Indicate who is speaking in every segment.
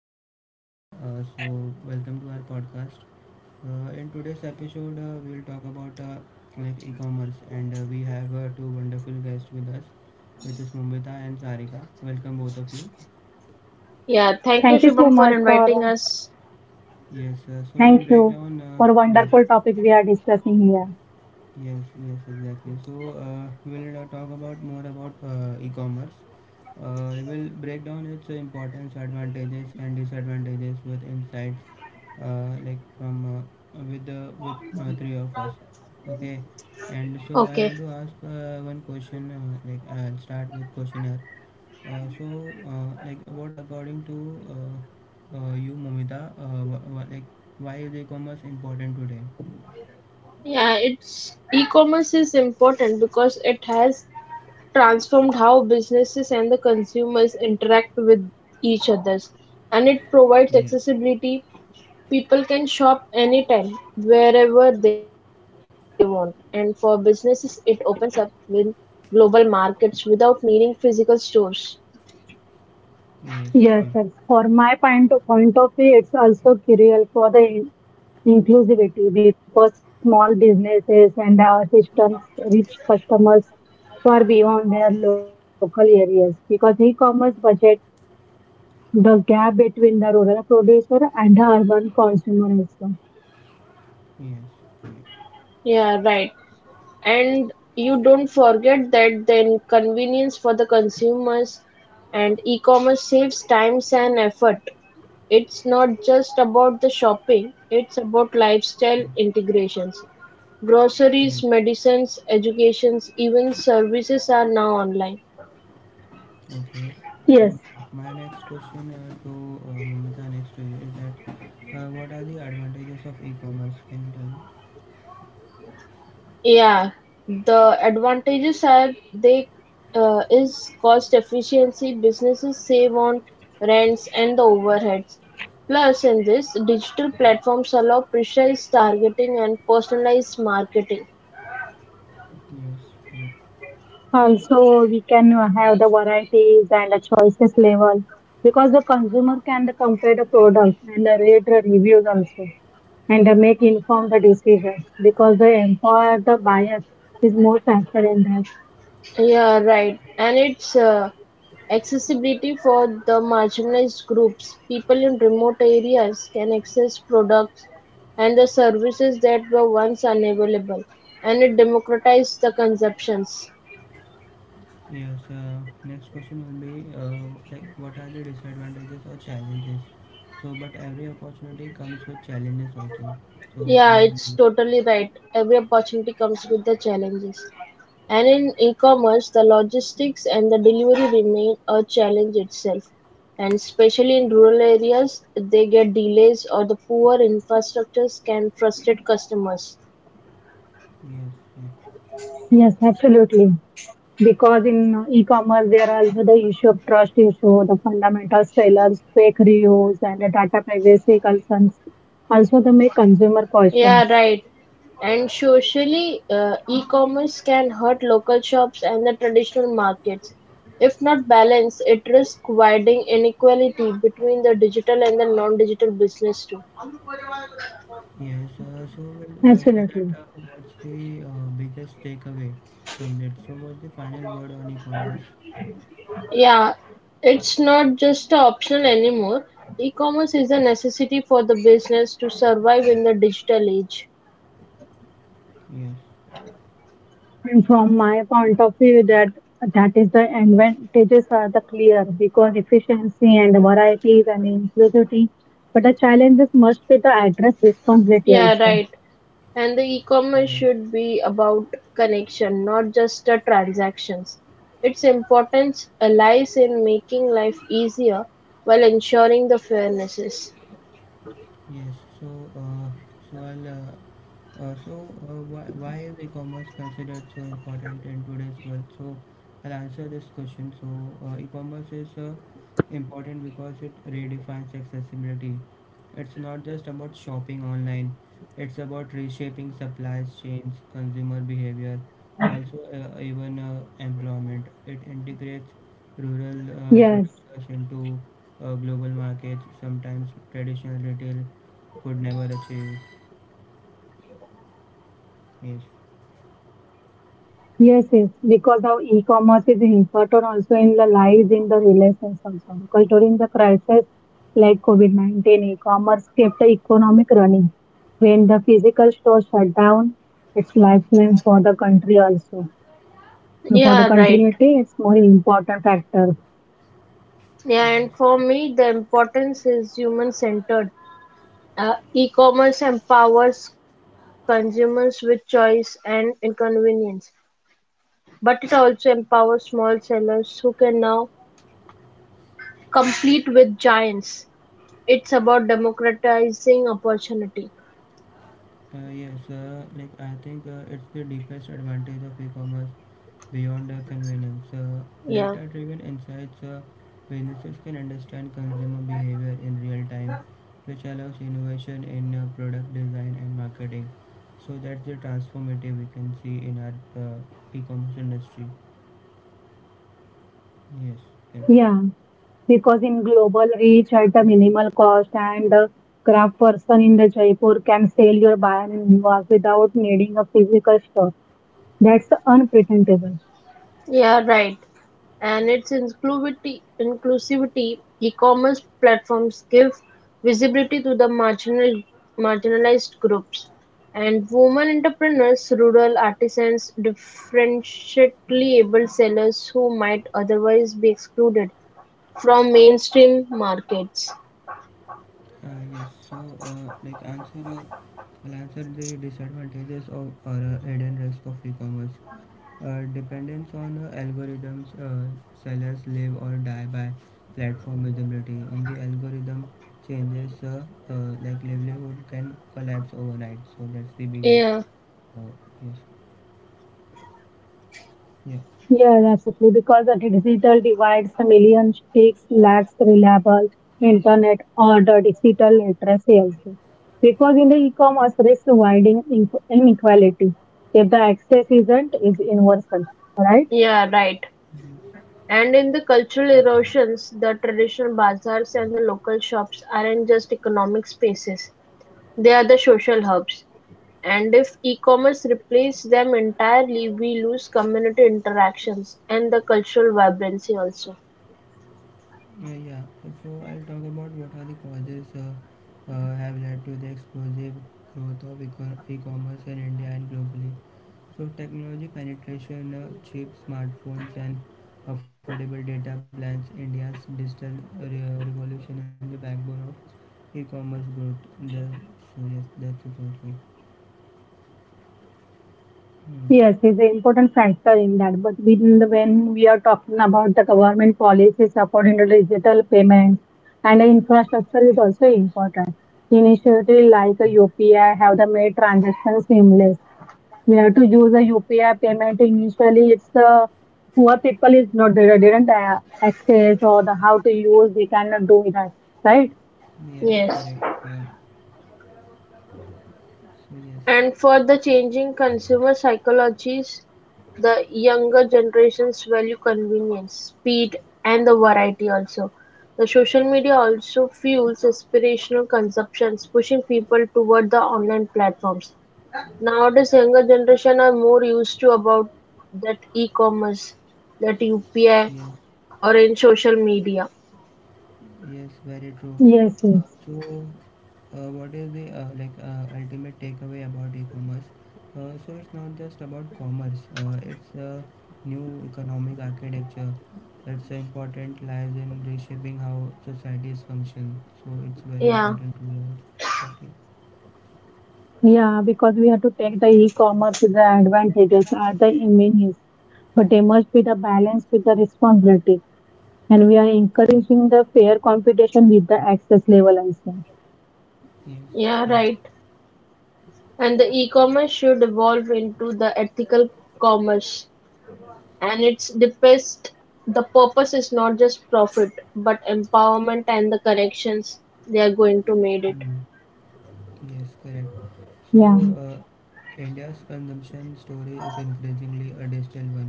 Speaker 1: afternoon, everyone. So, welcome to our podcast. In today's episode, we'll talk about like e-commerce, and we have two wonderful guests with us, which is Mumita and Sarika. Welcome both of you.
Speaker 2: Yeah, thank you,
Speaker 3: Thank you so
Speaker 2: Shubham, for
Speaker 3: much
Speaker 2: inviting
Speaker 3: for
Speaker 2: us.
Speaker 1: Yes, so we'll
Speaker 3: thank you
Speaker 1: break down.
Speaker 3: for
Speaker 1: Yes,
Speaker 3: wonderful topic we are discussing here.
Speaker 1: yes, yes, exactly. So we will talk about more about e-commerce. We will break down its importance, advantages, and disadvantages with insights, like from with the with three of us. Okay, and so I
Speaker 2: Okay.
Speaker 1: want to ask one question. Like I'll start with questionnaire. So like what according to you, Momita, like why is e-commerce important today?
Speaker 2: Yeah, it's e-commerce is important because it has transformed how businesses and the consumers interact with each others, and it provides
Speaker 1: Yes,
Speaker 2: accessibility. People can shop anytime, wherever they want, and for businesses, it opens up with global markets without needing physical stores.
Speaker 1: yes,
Speaker 3: Yes,
Speaker 1: yeah.
Speaker 3: yes. For my point of view, it's also crucial for the inclusivity because small businesses and our systems reach customers far beyond their local areas. Because e-commerce budget the gap between the rural producer and the urban consumer also.
Speaker 1: Yes, correct.
Speaker 2: Yeah, right. And you don't forget that the convenience for the consumers and e-commerce saves times and effort. It's not just about the shopping, it's about lifestyle
Speaker 1: Yes,
Speaker 2: integrations.
Speaker 1: yes.
Speaker 2: Groceries, medicines, educations, even services are now online.
Speaker 1: Okay. So
Speaker 3: Yes.
Speaker 1: yeah, my next question to Mumita next to you is that what are the advantages of e-commerce? Can you tell me?
Speaker 2: Yeah, the advantages are they is cost efficiency, businesses save on rents and the overheads. Plus, in this, digital platforms allow precise targeting and personalized marketing.
Speaker 1: Yes, correct.
Speaker 3: Also, we can have the varieties and the choices level because the consumer can compare the product and rate the reviews also and make informed decisions because the employer, the buyer is more factor in that.
Speaker 2: Yeah, right. And it's accessibility for the marginalized groups. People in remote areas can access products and the services that were once unavailable, and it democratized the consumptions.
Speaker 1: Yes. Next question will be like what are the disadvantages or challenges? So, but every opportunity comes with challenges also. So,
Speaker 2: Yeah,
Speaker 1: can you
Speaker 2: it's
Speaker 1: elaborate?
Speaker 2: totally right. Every opportunity comes with the challenges. And in e-commerce, the logistics and the delivery remain a challenge itself. And especially in rural areas, they get delays or the poor infrastructures can frustrate customers.
Speaker 1: Yes, yes.
Speaker 3: Yes, absolutely. Because in e-commerce, there are also the issue of trust issue, the fundamental sellers, fake reviews, and the data privacy concerns. Also, they make consumer
Speaker 2: Yeah,
Speaker 3: questions.
Speaker 2: right. And socially, e-commerce can hurt local shops and the traditional markets. If not balanced, it risks widening inequality between the digital and the non-digital business too.
Speaker 1: Yes, so well, so that
Speaker 3: Absolutely.
Speaker 1: what's the biggest takeaway from that? So what's the final word on e-commerce?
Speaker 2: Yeah, it's not just a optional anymore. E-commerce is a necessity for the business to survive in the digital age.
Speaker 1: Yes,
Speaker 3: And from my point of view, that is the advantages are the clear because efficiency and varieties and inclusivity. But the challenges must be the address responsibility
Speaker 2: Yeah,
Speaker 3: also.
Speaker 2: right. And the e-commerce
Speaker 1: yes,
Speaker 2: should be about connection, not just the transactions. Its importance lies in making life easier while ensuring the fairnesses.
Speaker 1: yes. So, uh, so I'll uh, why is e-commerce considered so important in today's world? So, I'll answer this question. So, e-commerce is important because it redefines accessibility. It's not just about shopping online; it's about reshaping supply chains, consumer behavior, also even employment. It integrates rural
Speaker 3: Yes,
Speaker 1: producers into global markets. Sometimes traditional retail could never achieve. Yes.
Speaker 3: yes, yes. Because the e-commerce is important also in the lives, in the relations also. Because during the crisis like COVID-19, e-commerce kept the economic running. When the physical store shut down, it's lifeline for the country also. For the
Speaker 2: Yeah, right.
Speaker 3: continuity, it's more important factor.
Speaker 2: Yeah, and for me, the importance is human centered. E-commerce empowers consumers with choice and inconvenience, but it also empowers small sellers who can now compete with giants. It's about democratizing opportunity.
Speaker 1: Yes, like I think it's the deepest advantage of e-commerce beyond convenience.
Speaker 2: Yeah,
Speaker 1: Data-driven insights, businesses can understand consumer behavior in real time, which allows innovation in product design and marketing. So that's the transformative we can see in our uh, e-commerce industry. Yes.
Speaker 3: Yeah,
Speaker 1: Yep.
Speaker 3: because in global reach at the minimal cost and the craft person in the Jaipur can sell your buyer in New York without needing a physical store. That's unpretendable.
Speaker 2: yeah, right. And its inclusivity, e-commerce platforms give visibility to the marginalized groups and women entrepreneurs, rural artisans, differentially able sellers who might otherwise be excluded from mainstream markets.
Speaker 1: Yes. So, uh, like answer, uh, I'll answer the disadvantages of or hidden risk of e-commerce. Dependence on algorithms, sellers live or die by platform visibility, and the algorithm changes like livelihood can collapse overnight. So that's the biggest
Speaker 2: Yeah,
Speaker 1: uh,
Speaker 3: Yeah,
Speaker 1: yes,
Speaker 3: absolutely. Because the digital divides a million takes lacks reliable internet or the digital literacy also. Because in the e-commerce risks widening inequality if the access isn't is universal, right?
Speaker 2: yeah, right. And in the cultural
Speaker 1: yeah.
Speaker 2: erosions, the traditional bazaars and the local shops aren't just economic spaces, they are the social hubs. And if e-commerce replaces them entirely, we lose community interactions and the cultural vibrancy also.
Speaker 1: Yeah, so I'll talk about what are the causes have led to the explosive growth of e-commerce in India and globally. So technology penetration, cheap smartphones and affordable data plans, India's digital revolution and the backbone of e-commerce growth. So yes, that's it also. Hmm.
Speaker 3: Yes, is an important factor in that. But when we are talking about the government policies supporting the digital payments and the infrastructure is also important. Initiatives
Speaker 1: Yes,
Speaker 3: like a UPI have the made transactions seamless. We have to use a UPI payment initially. It's the poor people is not they didn't access or the how to use. They cannot do that, right?
Speaker 1: yes,
Speaker 2: Yes.
Speaker 1: correct. Yeah. So yes,
Speaker 2: And for the changing consumer psychologies, the younger generations value convenience, speed, and the variety also. The social media also fuels aspirational consumptions, pushing people toward the online platforms. Nowadays, younger generation are more used to about that e-commerce, that UPI,
Speaker 1: yes.
Speaker 2: or in social media.
Speaker 1: Yes, very true.
Speaker 3: Yes,
Speaker 1: Uh,
Speaker 3: yes.
Speaker 1: so, what is the like ultimate takeaway about e-commerce? So it's not just about commerce. It's a new economic architecture. Its important lies in reshaping how societies function. So it's very
Speaker 2: Yeah,
Speaker 1: important to the society.
Speaker 3: Yeah, because we have to take the e-commerce with the advantages and the inconveniences, but they must be the balance with the responsibility. And we are encouraging the fair competition with the access level and also.
Speaker 1: Yes.
Speaker 2: yeah,
Speaker 1: Yeah.
Speaker 2: right. And the e-commerce should evolve into the ethical commerce. And it's the best, the purpose is not just profit, but empowerment and the connections they are going to made it.
Speaker 1: Mm. Yes, correct. So,
Speaker 3: Yeah.
Speaker 1: uh, India's consumption story is increasingly a digital one.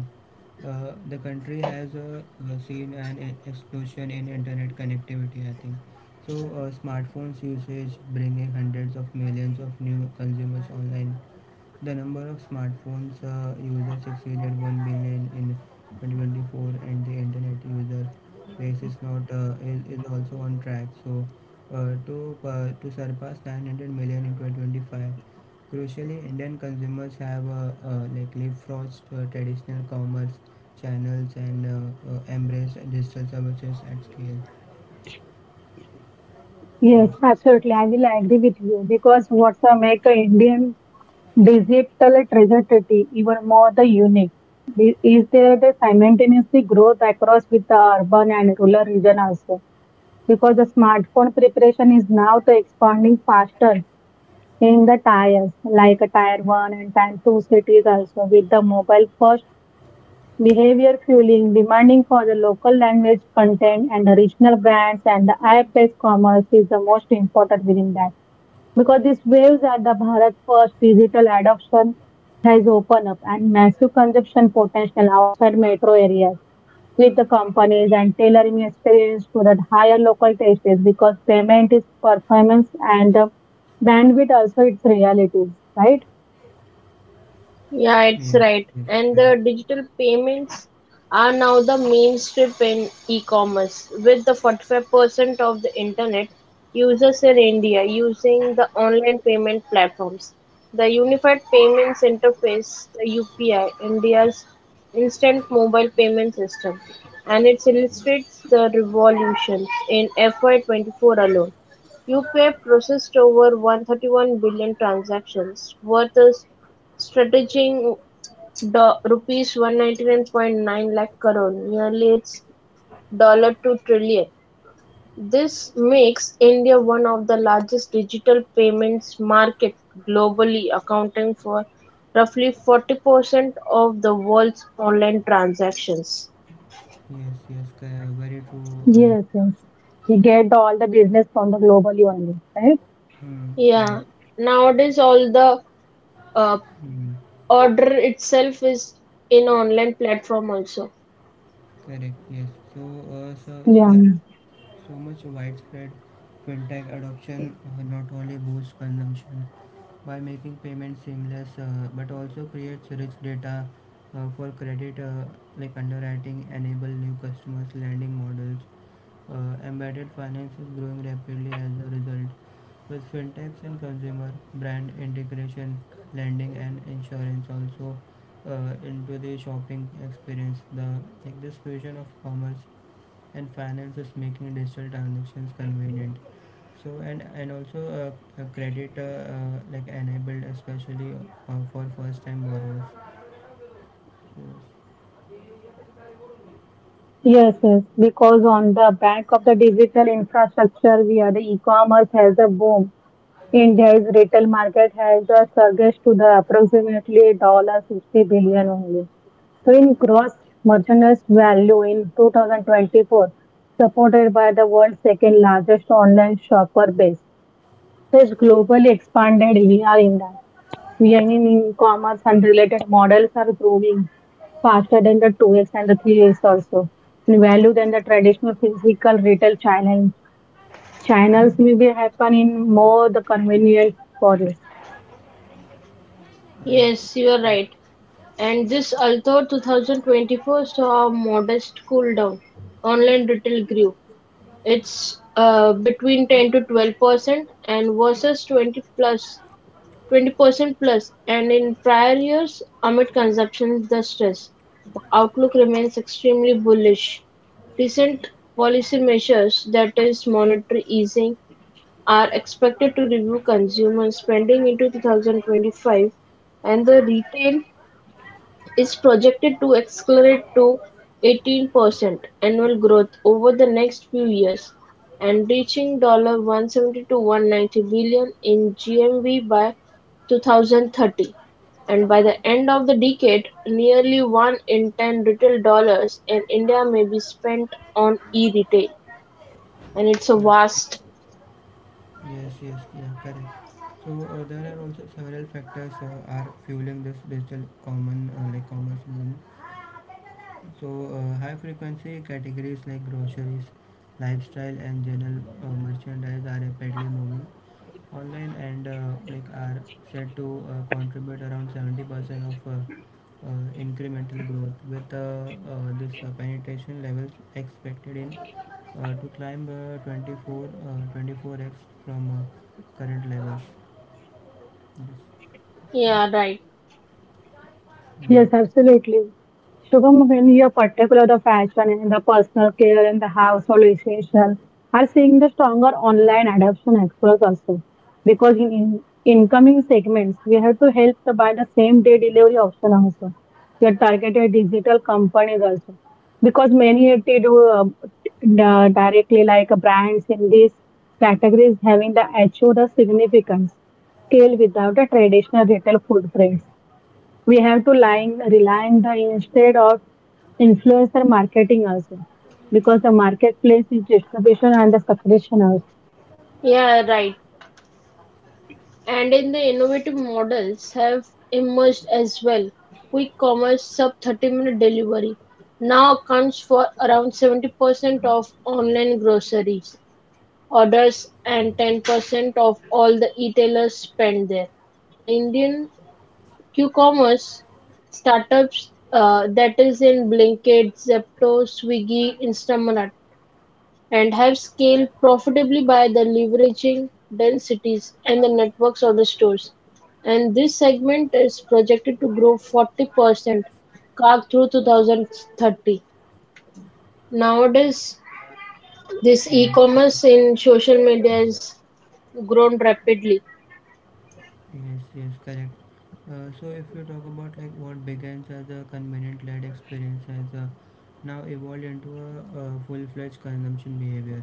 Speaker 1: The country has seen an explosion in internet connectivity, I think. So, smartphones usage bringing hundreds of millions of new consumers online, the number of smartphones users exceeded 1 billion in 2024, and the internet user base is not, is also on track. So, to surpass 900 million in 2025. Crucially, Indian consumers have like leapfrogged traditional commerce channels and embraced digital services at scale.
Speaker 3: Yes,
Speaker 1: Yes,
Speaker 3: absolutely. I will agree with you because WhatsApp make a Indian digital trajectory even more the unique. Is there the simultaneously growth across with the urban and rural region also? Because the smartphone preparation is now the expanding faster in the tiers, like a tier one and tier two cities also with the mobile first behavior fueling, demanding for the local language content and the regional brands and the app-based commerce is the most important within that. Because these waves are the Bharat first digital adoption has opened up and massive consumption potential outside metro areas with the companies and tailoring experience to that higher local tastes because payment is performance and the bandwidth also its realities, right?
Speaker 2: Yeah, it's
Speaker 1: yes,
Speaker 2: right.
Speaker 1: yes,
Speaker 2: And the
Speaker 1: correct.
Speaker 2: digital payments are now the mainstream in e-commerce, with the 45% of the internet users in India using the online payment platforms. The Unified Payments Interface, the UPI, India's instant mobile payment system, and it illustrates the revolutions in FY24 alone. UPI processed over 131 billion transactions worth stretching rupees 199.9 lakh crore, nearly its $2 trillion. This makes India one of the largest digital payments market globally, accounting for roughly 40% of the world's online transactions.
Speaker 1: Yes, yes, very
Speaker 3: Yes,
Speaker 1: true.
Speaker 3: yes. We get all the business from the globally only, right?
Speaker 1: Hmm,
Speaker 2: Yeah,
Speaker 1: correct.
Speaker 2: nowadays all the uh,
Speaker 1: Hmm.
Speaker 2: order itself is in online platform also.
Speaker 1: Correct, yes. So, so
Speaker 3: Yeah.
Speaker 1: there are so much widespread fintech adoption not only boosts consumption by making payments seamless, but also creates rich data for credit, like underwriting, enable new customers, lending models, embedded finance is growing rapidly as a result. With fintechs and consumer brand integration, lending and insurance also into the shopping experience. The like this fusion of commerce and finance is making digital transactions convenient, so and also a credit, like enabled especially for first time borrowers. Yes,
Speaker 3: Yes, yes. Because on the back of the digital infrastructure, we are the e-commerce has a boom. India's retail market has a surge to the approximately dollar 60 billion only. So in gross merchandise value in 2024, supported by the world's second largest online shopper base, has globally expanded. We are in that. Women in commerce and related models are growing faster than the 2x and the 3x also in value than the traditional physical retail channel. Channels may be happen in more the convenient for us.
Speaker 1: yes,
Speaker 2: Yes, you're
Speaker 1: yeah,
Speaker 2: right. And this, although 2024 saw a modest cool down, online retail grew. It's between 10 to 12% and versus 20 plus 20% plus. And in prior years, amid consumption the stress, the outlook remains extremely bullish. Recent policy measures, that is monetary easing are expected to review consumer spending into 2025, and the retail is projected to accelerate to 18% annual growth over the next few years and reaching 170 to 190 billion in GMV by 2030. And by the end of the decade, nearly 1 in 10 retail dollars in India may be spent on e retail. And it's a
Speaker 1: yeah.
Speaker 2: vast.
Speaker 1: Yes, yes, yeah, correct. So there are also several factors are fueling this digital common, like commerce boom. So high frequency categories like groceries, lifestyle and general merchandise are rapidly moving online and like are said to contribute around 70% of uh, incremental growth, with this penetration levels expected in to climb 24, 24x from current levels. Yes.
Speaker 2: Yeah, right.
Speaker 3: Yes, absolutely.
Speaker 1: Mm.
Speaker 3: Shubham, when you particular the fashion and the personal care and the household essential are seeing the stronger online adoption across also. Because in incoming segments, we have to help to buy the same day delivery option also. Your targeted digital companies also. Because many they do directly like brands in these categories having the achieve the significance scale without the traditional retail footprints. We have to line, rely on the instead of influencer marketing also because the marketplace is distribution and the subscription also.
Speaker 2: Yeah, right. And in the innovative models have emerged as well. Quick commerce sub 30-minute delivery now accounts for around 70% of online groceries orders and 10% of all the retailers spend there. And Indian Q-commerce startups that is in Blinkit, Zepto, Swiggy, Instamart and have scaled profitably by the leveraging densities and the networks of the stores. And this segment is projected to grow 40% CAGR through 2030. Nowadays, this
Speaker 1: Mm.
Speaker 2: e-commerce in social media has grown rapidly.
Speaker 1: Yes, yes, correct. So if you talk about like what begins as a convenient led experience has now evolved into a, full-fledged consumption behavior.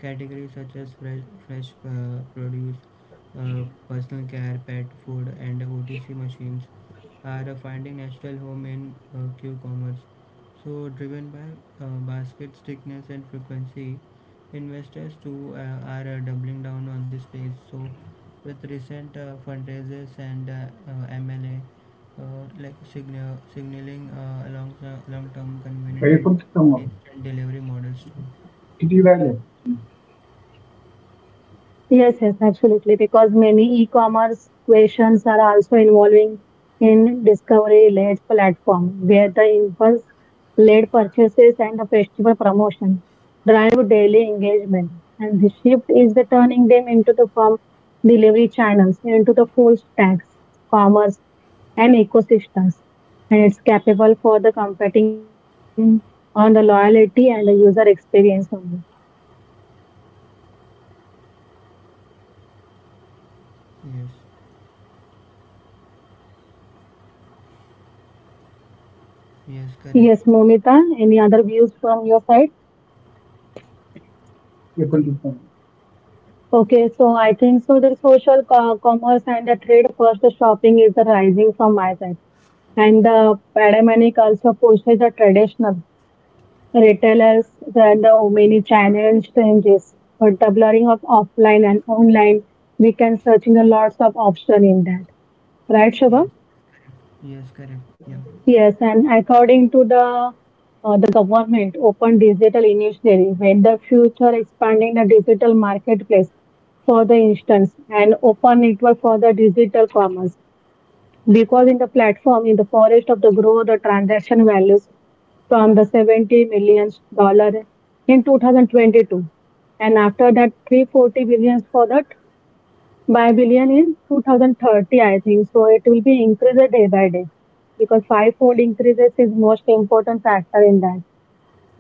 Speaker 1: Categories such as fresh produce, personal care, pet food, and OTC machines are finding natural home in Q-commerce. So driven by basket thickness and frequency, investors too are doubling down on this space. So with recent fundraisers and MLA, signaling long term convenient in instant delivery models too.
Speaker 3: Yes, yes, absolutely. Because many e-commerce questions are also involving in discovery-led platform, where the impulse-led purchases and the festival promotion drive daily engagement. And the shift is the turning them into the from delivery channels into the full stacks, commerce and ecosystems. And it's capable for the competing on the loyalty and the user experience only.
Speaker 1: Yes, yes, correct.
Speaker 3: Yes, Momita, any other views from your side? Okay, so I think so the social co commerce and the trade first shopping is the rising from my side. And the pandemic also pushes the traditional retailers and the many channel changes. But the blurring of offline and online, we can searching a lots of option in that. Right, Shubham?
Speaker 1: Yes, yes, correct. Yeah.
Speaker 3: Yes, and according to the government Open Digital Initiative, made the future expanding the digital marketplace for the instance and open network for the digital commerce because in the platform in the forest of the grow the transaction values from the 70 million dollars in 2022 and after that 340 billions for that by billion in 2030, I think. So it will be increased day by day because five-fold
Speaker 1: Yes, yes,
Speaker 3: increases is most important factor in that.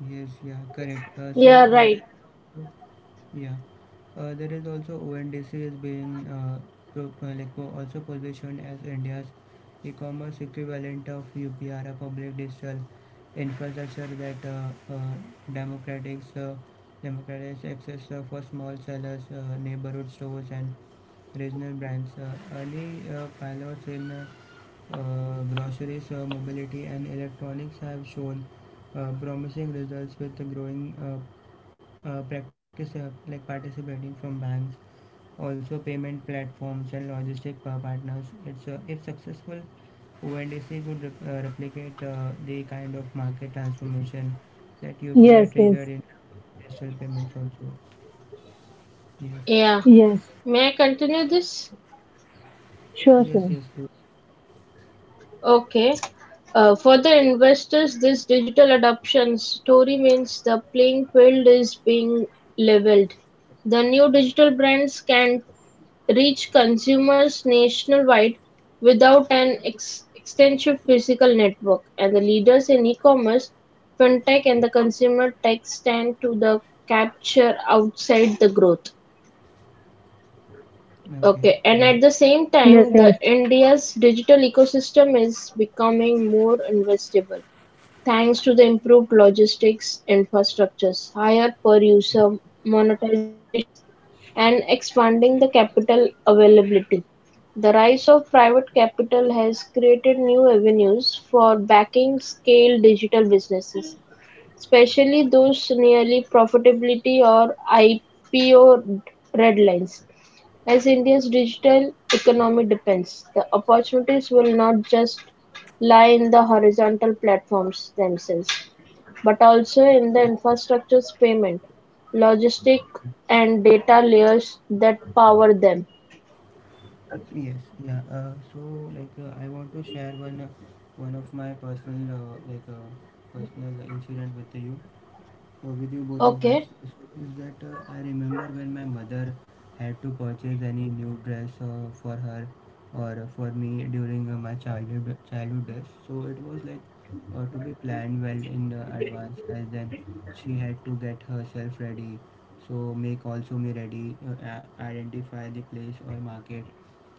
Speaker 1: yes, yeah, correct. So
Speaker 2: Yeah, right.
Speaker 1: that. Yeah, there is also ONDC is being also positioned as India's e-commerce equivalent of UPRA public digital infrastructure that democratics democratizes access for small sellers, neighborhood stores, and regional brands. Early pilots in groceries, mobility, and electronics have shown promising results with the growing, practice like participating from banks, also payment platforms and logistic partners. It's If successful, ONDC would replicate the kind of market transformation that UPI triggered in
Speaker 3: Yes, yes,
Speaker 1: digital payments also. Yes,
Speaker 2: Yeah.
Speaker 3: yes.
Speaker 2: May I continue this?
Speaker 1: yes, yes,
Speaker 3: Sure,
Speaker 1: please.
Speaker 3: sure.
Speaker 2: Okay. For the investors, this digital adoption story means the playing field is being leveled. The new digital brands can reach consumers nationwide without an extensive physical network, and the leaders in e-commerce, fintech, and the consumer tech stand to the capture outside the growth.
Speaker 1: Okay.
Speaker 2: Okay, and
Speaker 1: Yes,
Speaker 2: at the same
Speaker 3: Yes,
Speaker 2: time,
Speaker 3: yes,
Speaker 2: the India's digital ecosystem is becoming more investable thanks to the improved logistics infrastructures, higher per-user monetizations, and expanding the capital availability, the rise of private capital has created new avenues for backing scale digital businesses, especially those nearly profitability or IPO red lines. As India's digital economy depends, the opportunities will not just lie in the horizontal platforms themselves, but also in the
Speaker 1: yes,
Speaker 2: infrastructure's payment, logistic and data layers that power them.
Speaker 1: yes, yeah. So like I want to share one of my personal, uh, like uh, personal incident with you, with you both of guys.
Speaker 2: Okay.
Speaker 1: So is that I remember when my mother had to purchase any new dress for her or for me during my childhood days. So it was like to be planned well in advance, as then she had to get herself ready. So make also me ready, identify the place or market.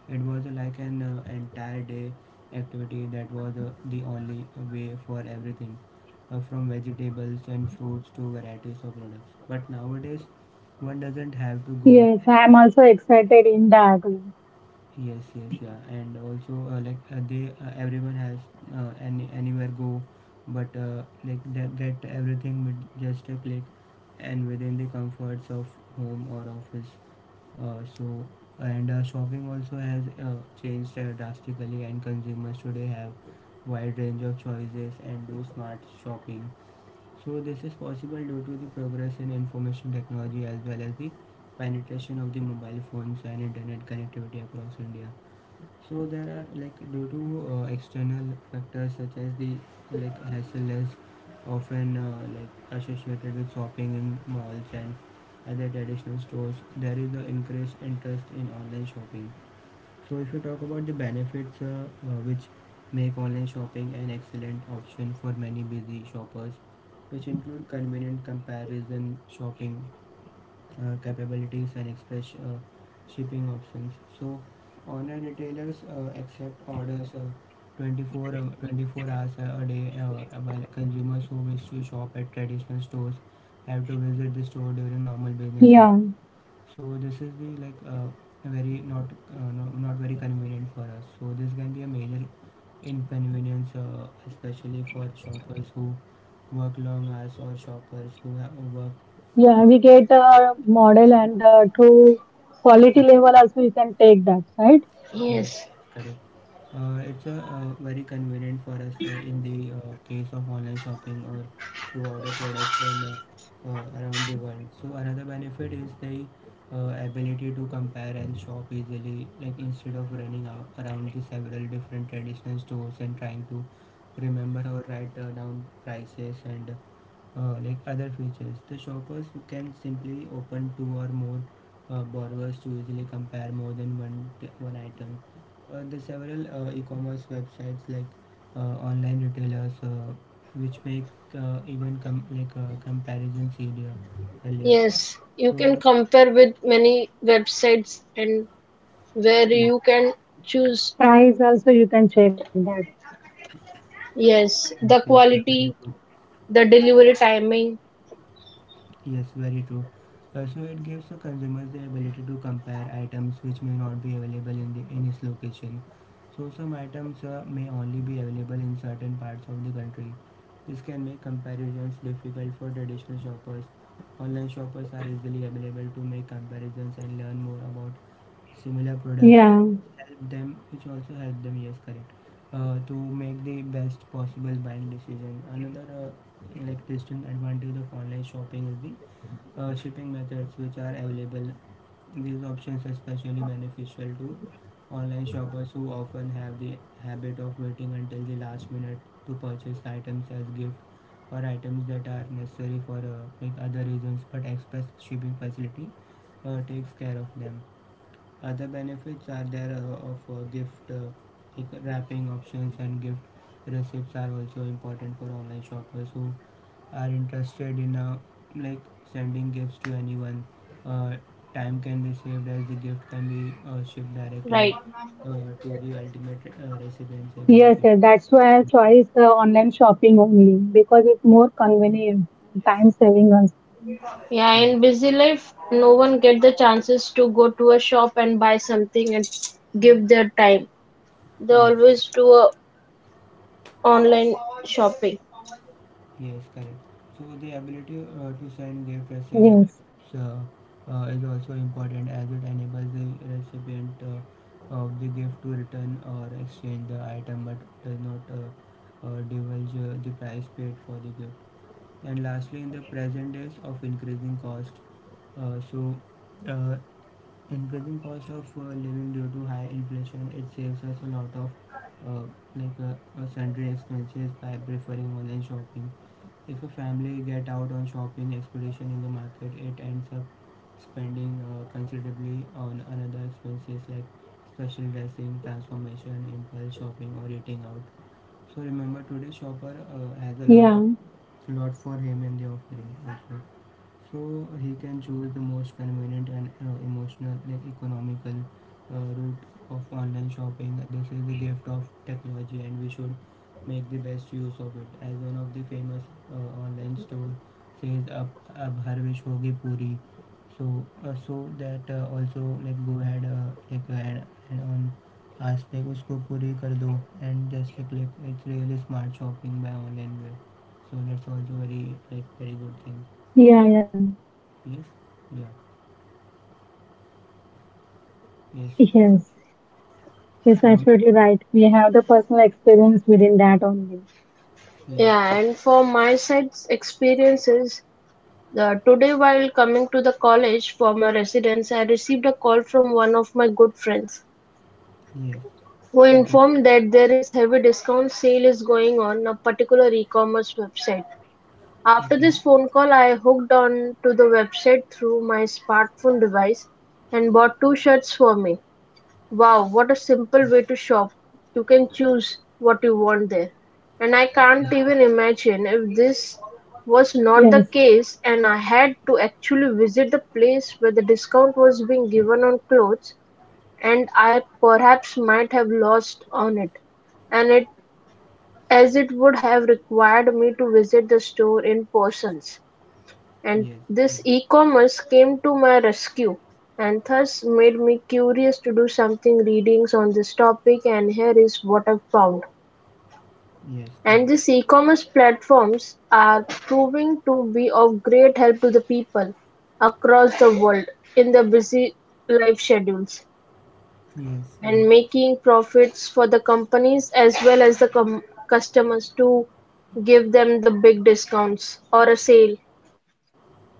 Speaker 1: It was like an entire day activity that was the only way for everything, from vegetables and fruits to varieties of products, but nowadays one
Speaker 3: yes.
Speaker 1: doesn't
Speaker 3: I
Speaker 1: have
Speaker 3: am
Speaker 1: to
Speaker 3: also
Speaker 1: go.
Speaker 3: excited in that.
Speaker 1: Yes, yes, yeah. And also they, everyone has anywhere go, but like they get everything with just a click and within the comforts of home or office. So, and shopping also has changed drastically, and consumers today have wide range of choices and do smart shopping. So this is possible due to the progress in information technology as well as the penetration of the mobile phones and internet connectivity across India. So there are, like, due to external factors such as the, like, hassle is often like associated with shopping in malls and other traditional stores. There is an increased interest in online shopping. So if you talk about the benefits, which make online shopping an excellent option for many busy shoppers, which include convenient comparison shopping capabilities and express shipping options. So online retailers accept orders 24 hours a day, while consumers who wish to shop at traditional stores have to visit the store during normal business hours.
Speaker 3: Yeah,
Speaker 1: So this is the, like, very not no, not very convenient for us. So this can be a major inconvenience, especially for shoppers who work long hours or shoppers who have work. uh,
Speaker 3: yeah. We get the model and the true quality level also you can take that, right?
Speaker 1: Yes,
Speaker 2: Yes.
Speaker 1: yes, correct. It's a, very convenient for us in the case of online shopping or to order products from around the world. So another benefit is the ability to compare and shop easily, like instead of running out around the several different traditional stores and trying to remember or write down prices and like other features. The shoppers can simply open two or more borrowers to easily compare more than one item. The several e-commerce websites like online retailers which make, even com- like comparisons easier earlier.
Speaker 2: Yes. You can
Speaker 1: So
Speaker 2: compare with many websites and where
Speaker 1: yes,
Speaker 2: you can choose.
Speaker 3: Price also you can check that.
Speaker 2: Yes.
Speaker 1: yes,
Speaker 2: The
Speaker 1: yes, yeah, very
Speaker 2: quality,
Speaker 1: true.
Speaker 2: the delivery timing.
Speaker 1: Yes, very true. So it gives the consumers the ability to compare items which may not be available in the in its location. So some items may only be available in certain parts of the country. This can make comparisons difficult for traditional shoppers. Online shoppers are easily available to make comparisons and learn more about similar products.
Speaker 3: Yeah.
Speaker 1: Help them, which also help them. Yes, correct. To make the best possible buying decision. Another like distinct advantage of online shopping is the shipping methods which are available. These options are especially beneficial to online shoppers who often have the habit of waiting until the last minute to purchase items as gift or items that are necessary for like other reasons, but express shipping facility takes care of them. Other benefits are there of gift, like wrapping options, and gift receipts are also important for online shoppers who are interested in like sending gifts to anyone. uh, Time can be saved as the gift can be shipped
Speaker 2: Right.
Speaker 1: directly uh, to the ultimate recipients
Speaker 3: Yes,
Speaker 1: exactly.
Speaker 3: yes, that's why I choose the online shopping only because it's more convenient and
Speaker 1: Yes,
Speaker 3: time saving us.
Speaker 2: Yeah, in
Speaker 1: yes,
Speaker 2: busy life, no one get the chances to go to a shop and buy something and give their time. They
Speaker 1: yes,
Speaker 2: always
Speaker 1: correct.
Speaker 2: do a online shopping.
Speaker 1: Yes, correct. So the ability to send gift
Speaker 3: Yes,
Speaker 1: receipts is also important as it enables the recipient of the gift to return or exchange the item but does not, divulge the price paid for the gift. And lastly, in the present days of increasing cost, uh, so uh, increasing cost of living due to high inflation, it saves us a lot of uh, like uh, sundry expenses by preferring online shopping. If a family get out on shopping expedition in the market, it ends up spending considerably on another expenses like special dressing, transformation, impulse shopping, or eating out. So remember, today's shopper has a lot of
Speaker 3: yeah,
Speaker 1: Lord for him in the offering. Okay, so he can choose the most convenient and emotional, like economical, route of online shopping. This is the gift of technology, and we should make the best use of it. As one of the famous online store says, ab har wish hogi puri. So so that, also like go ahead, and on आज usko puri kar do, and just just click it's really smart shopping by online way so that's also very like very good thing.
Speaker 3: yeah, yeah.
Speaker 1: Yes, yeah, yes.
Speaker 3: Yes, it's
Speaker 1: So,
Speaker 3: absolutely right. We have the personal experience within that only.
Speaker 1: yes,
Speaker 2: Yeah,
Speaker 1: yes.
Speaker 2: and for my side's experiences, the, today while coming to the college for my residence, I received a call from one of my good friends
Speaker 1: Yes.
Speaker 2: who
Speaker 1: Okay,
Speaker 2: informed that there is heavy discount sale is going on a particular e-commerce website. After
Speaker 1: okay.
Speaker 2: this
Speaker 1: Okay.
Speaker 2: phone call I hooked on to the website through my smartphone device and bought two shirts for me. Wow, what a simple way to
Speaker 1: Nice.
Speaker 2: shop. You can choose what you want there. And I can't
Speaker 1: Mm,
Speaker 2: even imagine if this
Speaker 3: Yes,
Speaker 2: was not the case and I had to actually visit the place where the discount was being given on clothes and I perhaps might have lost on it and it as it would have required me to visit the store in persons, and
Speaker 1: yes,
Speaker 2: this
Speaker 1: yes,
Speaker 2: e-commerce came to my
Speaker 3: yes,
Speaker 2: rescue
Speaker 3: yes.
Speaker 2: and thus made me curious to do something
Speaker 3: When the
Speaker 2: readings on this
Speaker 3: e-commerce
Speaker 2: topic,
Speaker 3: came
Speaker 2: and
Speaker 3: to the
Speaker 2: here is what
Speaker 3: our
Speaker 2: I've found.
Speaker 3: resources, we does the made
Speaker 1: yes,
Speaker 3: the
Speaker 2: And
Speaker 1: correct.
Speaker 2: these
Speaker 3: courses
Speaker 2: e-commerce
Speaker 3: to the some
Speaker 2: platforms
Speaker 3: reading
Speaker 2: are
Speaker 3: on this
Speaker 2: proving to
Speaker 3: topic,
Speaker 2: be of
Speaker 3: right?
Speaker 2: great help to the
Speaker 3: So we are
Speaker 2: people
Speaker 3: is what I
Speaker 2: across the
Speaker 3: found
Speaker 2: world
Speaker 3: today.
Speaker 2: in their busy life
Speaker 3: Right now, the
Speaker 2: schedules
Speaker 3: e-commerce platform are
Speaker 1: Yes, yeah,
Speaker 2: and
Speaker 3: going,
Speaker 2: making
Speaker 3: are
Speaker 2: profits for the
Speaker 3: proving to be
Speaker 2: companies
Speaker 3: the
Speaker 2: as well as
Speaker 3: great
Speaker 2: the
Speaker 3: help to the people
Speaker 2: customers, to
Speaker 3: e-commerce in the world.
Speaker 2: give them the big
Speaker 3: Okay,
Speaker 2: discounts
Speaker 3: Shubham?
Speaker 2: or a sale.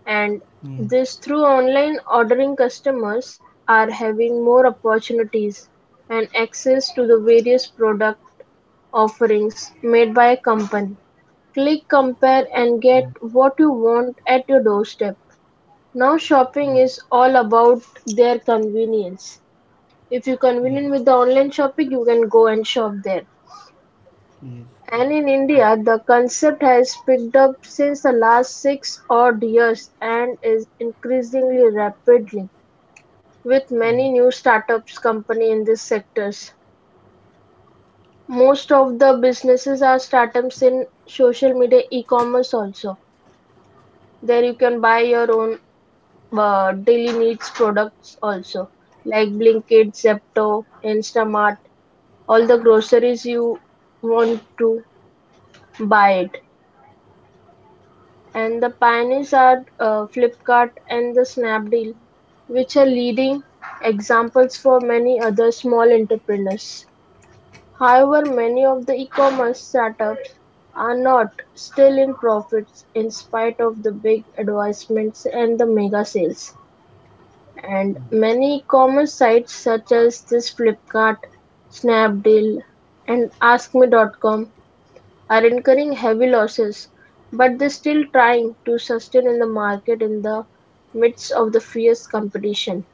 Speaker 2: And
Speaker 1: yes,
Speaker 2: this through
Speaker 3: And
Speaker 2: online
Speaker 3: across the world
Speaker 2: ordering
Speaker 3: is making
Speaker 2: customers
Speaker 3: profit
Speaker 2: are
Speaker 3: for the
Speaker 2: having more
Speaker 3: companies as well.
Speaker 2: opportunities and access
Speaker 3: When
Speaker 2: to the
Speaker 3: and through the
Speaker 2: various
Speaker 3: online
Speaker 2: product
Speaker 3: ordering, customers having
Speaker 2: offerings
Speaker 3: the more
Speaker 2: made by a
Speaker 3: opportunity
Speaker 2: company.
Speaker 3: and the access the
Speaker 2: Click,
Speaker 3: various
Speaker 2: compare, and
Speaker 1: yes,
Speaker 2: get
Speaker 3: product
Speaker 2: what you want
Speaker 3: offering
Speaker 2: at
Speaker 3: made
Speaker 2: your
Speaker 3: by the
Speaker 2: doorstep.
Speaker 3: company.
Speaker 2: Now,
Speaker 3: Because we have to
Speaker 2: shopping
Speaker 3: one
Speaker 2: is
Speaker 3: click
Speaker 2: all
Speaker 3: only, we
Speaker 2: about
Speaker 3: have to
Speaker 2: their
Speaker 3: compare and get
Speaker 2: convenience.
Speaker 3: what you
Speaker 2: If
Speaker 3: want
Speaker 2: you're
Speaker 3: on your
Speaker 1: yes, yes,
Speaker 2: convenient with the
Speaker 3: doorstep
Speaker 2: online
Speaker 3: only.
Speaker 2: shopping, you can go
Speaker 3: Within
Speaker 2: and
Speaker 3: a
Speaker 2: shop
Speaker 3: few
Speaker 2: there.
Speaker 3: seconds only the order will be
Speaker 1: yes,
Speaker 3: delivered
Speaker 1: correct.
Speaker 2: And
Speaker 3: to
Speaker 2: in
Speaker 3: you
Speaker 2: India, the
Speaker 3: because now the
Speaker 2: concept has
Speaker 3: shopping is
Speaker 2: picked
Speaker 3: all
Speaker 2: up
Speaker 3: about the
Speaker 2: since the last
Speaker 3: convenience
Speaker 2: six-odd
Speaker 3: and we are
Speaker 2: years
Speaker 3: getting the
Speaker 2: and is
Speaker 3: priorities also.
Speaker 2: increasingly rapidly,
Speaker 3: Okay.
Speaker 2: with
Speaker 3: So
Speaker 1: Mm,
Speaker 2: many
Speaker 3: Shubham,
Speaker 2: new
Speaker 1: yes,
Speaker 3: I think so in
Speaker 2: startups
Speaker 3: India
Speaker 2: company in
Speaker 3: the
Speaker 2: these
Speaker 3: concept has a
Speaker 2: sectors.
Speaker 3: pickup and a silence in the last six
Speaker 2: Most
Speaker 3: odd
Speaker 2: of the
Speaker 3: years.
Speaker 2: businesses are
Speaker 3: We are
Speaker 2: startups
Speaker 3: increasing
Speaker 2: in
Speaker 3: rapidly
Speaker 2: social
Speaker 3: because
Speaker 2: media
Speaker 3: many of the
Speaker 2: e-commerce
Speaker 3: new
Speaker 2: also.
Speaker 3: startups coming in the
Speaker 2: There you can
Speaker 3: sectors
Speaker 2: buy your own
Speaker 3: and like a Flipkart,
Speaker 2: daily needs
Speaker 3: Snapdeal, which
Speaker 2: products
Speaker 3: are leading
Speaker 2: also,
Speaker 3: example
Speaker 2: like
Speaker 3: for many
Speaker 2: Blinkit,
Speaker 3: of the
Speaker 2: Zepto,
Speaker 3: small
Speaker 2: Instamart,
Speaker 3: enterprises.
Speaker 2: all the
Speaker 3: However,
Speaker 2: groceries
Speaker 3: many of
Speaker 2: you
Speaker 3: the e-commerce
Speaker 2: want to
Speaker 3: startups are not still to
Speaker 2: buy it.
Speaker 3: provide the spirit of the big
Speaker 2: And the
Speaker 3: advertisement and the
Speaker 2: pioneers
Speaker 3: mega
Speaker 2: are
Speaker 3: sales also.
Speaker 2: Flipkart and the
Speaker 3: We have to
Speaker 2: Snapdeal,
Speaker 3: compare with
Speaker 2: which
Speaker 3: each
Speaker 2: are
Speaker 3: other and
Speaker 2: leading
Speaker 3: the price and
Speaker 2: examples
Speaker 3: the
Speaker 2: for many
Speaker 3: quality
Speaker 2: other
Speaker 3: level
Speaker 2: small
Speaker 3: with the
Speaker 2: entrepreneurs.
Speaker 3: quantity and the
Speaker 2: However,
Speaker 3: colors also
Speaker 2: many
Speaker 3: we
Speaker 2: of the
Speaker 3: can check that.
Speaker 2: e-commerce startups
Speaker 3: Pizza plays
Speaker 2: are
Speaker 3: an
Speaker 2: not
Speaker 3: important role in the
Speaker 2: still in
Speaker 3: Flipkart
Speaker 2: profits
Speaker 3: Snapdeal
Speaker 2: in spite
Speaker 3: in
Speaker 2: of the big
Speaker 3: e-commerce
Speaker 2: advancements
Speaker 3: because
Speaker 2: and the
Speaker 3: he
Speaker 2: mega
Speaker 3: loses the
Speaker 2: sales.
Speaker 3: loses
Speaker 2: And
Speaker 3: heavy
Speaker 1: mm,
Speaker 2: many
Speaker 3: losses but
Speaker 2: e-commerce sites
Speaker 3: still
Speaker 2: such
Speaker 3: trying to
Speaker 2: as this
Speaker 3: consume in the
Speaker 2: Flipkart,
Speaker 3: market
Speaker 2: Snapdeal,
Speaker 3: because the
Speaker 2: and
Speaker 3: companies handle like
Speaker 2: AskMe.com
Speaker 3: Zomato,
Speaker 2: are incurring heavy
Speaker 3: Foodpanda have the
Speaker 2: losses,
Speaker 3: closed
Speaker 2: but they're
Speaker 3: partially.
Speaker 2: still
Speaker 3: It's
Speaker 2: trying to
Speaker 3: limited the
Speaker 2: sustain in the
Speaker 3: operation
Speaker 2: market
Speaker 3: to
Speaker 2: in
Speaker 3: the
Speaker 2: the
Speaker 3: certain
Speaker 2: midst of the
Speaker 3: cities.
Speaker 2: fierce competition.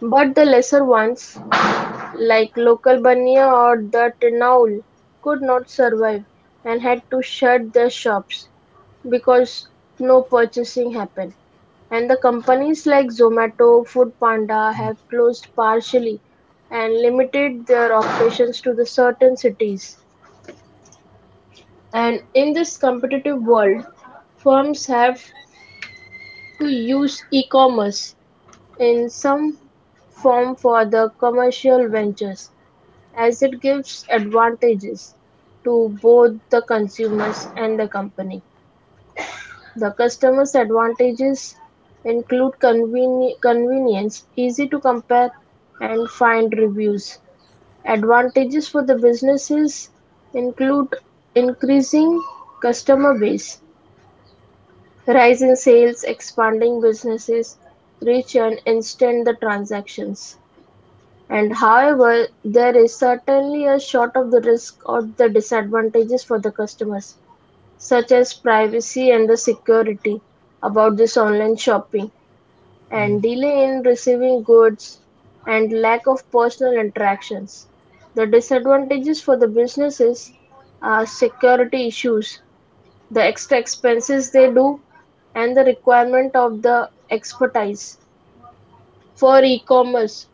Speaker 2: But
Speaker 3: Okay.
Speaker 2: the lesser
Speaker 3: And in
Speaker 2: ones,
Speaker 3: competitive world,
Speaker 2: like local
Speaker 3: firms have
Speaker 2: Bania
Speaker 3: to
Speaker 2: or the
Speaker 3: use
Speaker 2: Tinaul,
Speaker 3: e-commerce in the
Speaker 2: could
Speaker 3: some
Speaker 2: not
Speaker 3: form that
Speaker 2: survive
Speaker 3: their
Speaker 2: and had to
Speaker 3: commercial
Speaker 2: shut
Speaker 3: venture
Speaker 2: their
Speaker 3: as it
Speaker 2: shops
Speaker 3: given the advantages
Speaker 2: because
Speaker 3: to the
Speaker 2: no
Speaker 3: consumer
Speaker 2: purchasing happened.
Speaker 3: and the
Speaker 2: And the
Speaker 3: companies.
Speaker 2: companies
Speaker 3: Like the
Speaker 2: like
Speaker 3: customer
Speaker 2: Zomato,
Speaker 3: advantages include the
Speaker 2: Foodpanda have
Speaker 3: convenience,
Speaker 2: closed
Speaker 3: easier to
Speaker 2: partially
Speaker 3: compare and the
Speaker 2: and
Speaker 3: find the reviews
Speaker 2: limited their
Speaker 3: also.
Speaker 2: operations to the
Speaker 3: For the
Speaker 2: certain
Speaker 3: advantages of
Speaker 2: cities.
Speaker 3: the business, we have to include the increase
Speaker 2: And
Speaker 3: the
Speaker 2: in this
Speaker 3: customer bases,
Speaker 2: competitive world,
Speaker 3: rises in the
Speaker 2: firms
Speaker 3: sales
Speaker 2: have
Speaker 3: and the expanding the business
Speaker 2: to
Speaker 3: each and
Speaker 2: use
Speaker 3: instant
Speaker 2: e-commerce
Speaker 3: transaction.
Speaker 2: in some
Speaker 3: However,
Speaker 2: form
Speaker 3: where
Speaker 2: for their
Speaker 3: there is the
Speaker 2: commercial
Speaker 3: centrally
Speaker 2: ventures,
Speaker 3: short, of risk
Speaker 2: as it
Speaker 3: advantages or
Speaker 2: gives
Speaker 3: disadvantages,
Speaker 2: advantages
Speaker 3: where the
Speaker 2: to
Speaker 3: customer
Speaker 2: both
Speaker 3: such a
Speaker 2: the
Speaker 3: privacy and a
Speaker 2: consumers and the
Speaker 3: security
Speaker 2: company.
Speaker 3: purpose also they can shift that.
Speaker 2: The customers'
Speaker 3: Also,
Speaker 2: advantages
Speaker 3: delay in the receiving
Speaker 2: include
Speaker 3: the good and lack of the
Speaker 2: convenience,
Speaker 3: personal
Speaker 2: easy to
Speaker 3: interaction,
Speaker 2: compare
Speaker 3: we get the
Speaker 2: and find
Speaker 3: disadvantages for the
Speaker 2: reviews.
Speaker 3: business and security
Speaker 2: Advantages
Speaker 3: issues
Speaker 2: for the
Speaker 3: also.
Speaker 2: businesses
Speaker 3: When the
Speaker 2: include
Speaker 3: expertise for the
Speaker 2: increasing
Speaker 3: e-commerce
Speaker 2: customer
Speaker 3: infrastructure
Speaker 2: base,
Speaker 3: needs to expand the reverse logistic
Speaker 2: rise in
Speaker 3: also.
Speaker 2: sales, expanding
Speaker 3: So we are wrap up
Speaker 2: businesses
Speaker 3: our
Speaker 2: reach
Speaker 3: section
Speaker 2: and
Speaker 3: with
Speaker 2: instant the
Speaker 3: the to my
Speaker 2: transactions.
Speaker 3: co-host
Speaker 2: And
Speaker 3: as a
Speaker 2: however, there is
Speaker 3: guest level.
Speaker 2: certainly a short
Speaker 3: I am
Speaker 2: of the risk or the
Speaker 3: given the
Speaker 2: disadvantages
Speaker 3: information
Speaker 2: for the
Speaker 3: to the
Speaker 2: customers,
Speaker 3: e-commerce. So
Speaker 2: such
Speaker 3: I
Speaker 2: as
Speaker 3: think so in next
Speaker 2: privacy and the
Speaker 3: episode we can
Speaker 2: security
Speaker 3: meet
Speaker 2: about this
Speaker 3: as early
Speaker 2: online
Speaker 3: as
Speaker 2: shopping,
Speaker 3: possible.
Speaker 1: yes,
Speaker 2: and
Speaker 3: Okay,
Speaker 2: delay
Speaker 3: thank you
Speaker 2: in
Speaker 3: so much
Speaker 2: receiving
Speaker 3: guys.
Speaker 2: goods
Speaker 3: Bye bye.
Speaker 2: and lack of personal interactions. The disadvantages for the businesses are security issues, the extra expenses they do, and the requirement of the expertise for e-commerce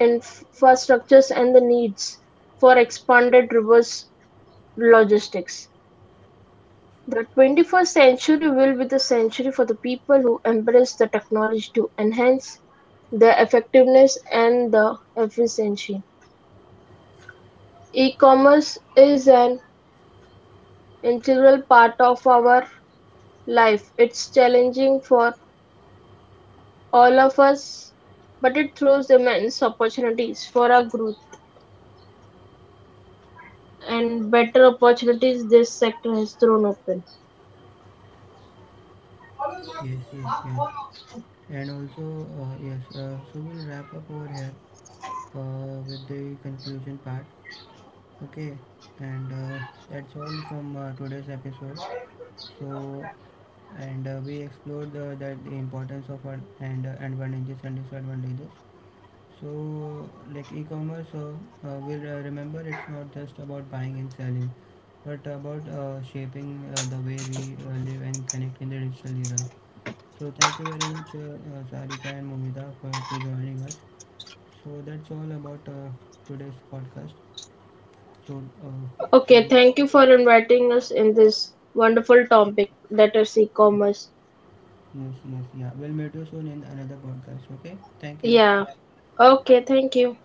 Speaker 2: infrastructures and the needs for expanded reverse logistics. The 21st century will be the century for the people who embrace the technology to enhance their effectiveness and the efficiency. E-commerce is an integral part of our life. It's challenging for all of us, but it throws immense opportunities for our growth and better opportunities this sector has thrown open.
Speaker 1: yes, yes, yes, yeah. And also, yes, so we'll wrap up over here with the conclusion part. Okay, and that's all from today's episode. So, and we explored the importance of, ad- and advantages and disadvantages, so, like, e-commerce. Will Remember, it's not just about buying and selling, but about shaping the way we live and connect in the digital era. So thank you very much, Sarika and Momita, for to joining us. So that's all about today's podcast. So
Speaker 2: Okay,
Speaker 1: so
Speaker 2: thank you for inviting us in this wonderful
Speaker 1: yes,
Speaker 2: topic that is e-commerce.
Speaker 1: yes, yes, yeah, we'll meet you soon in another podcast. Okay, thank you,
Speaker 2: Yeah.
Speaker 1: bye.
Speaker 2: Okay, thank you.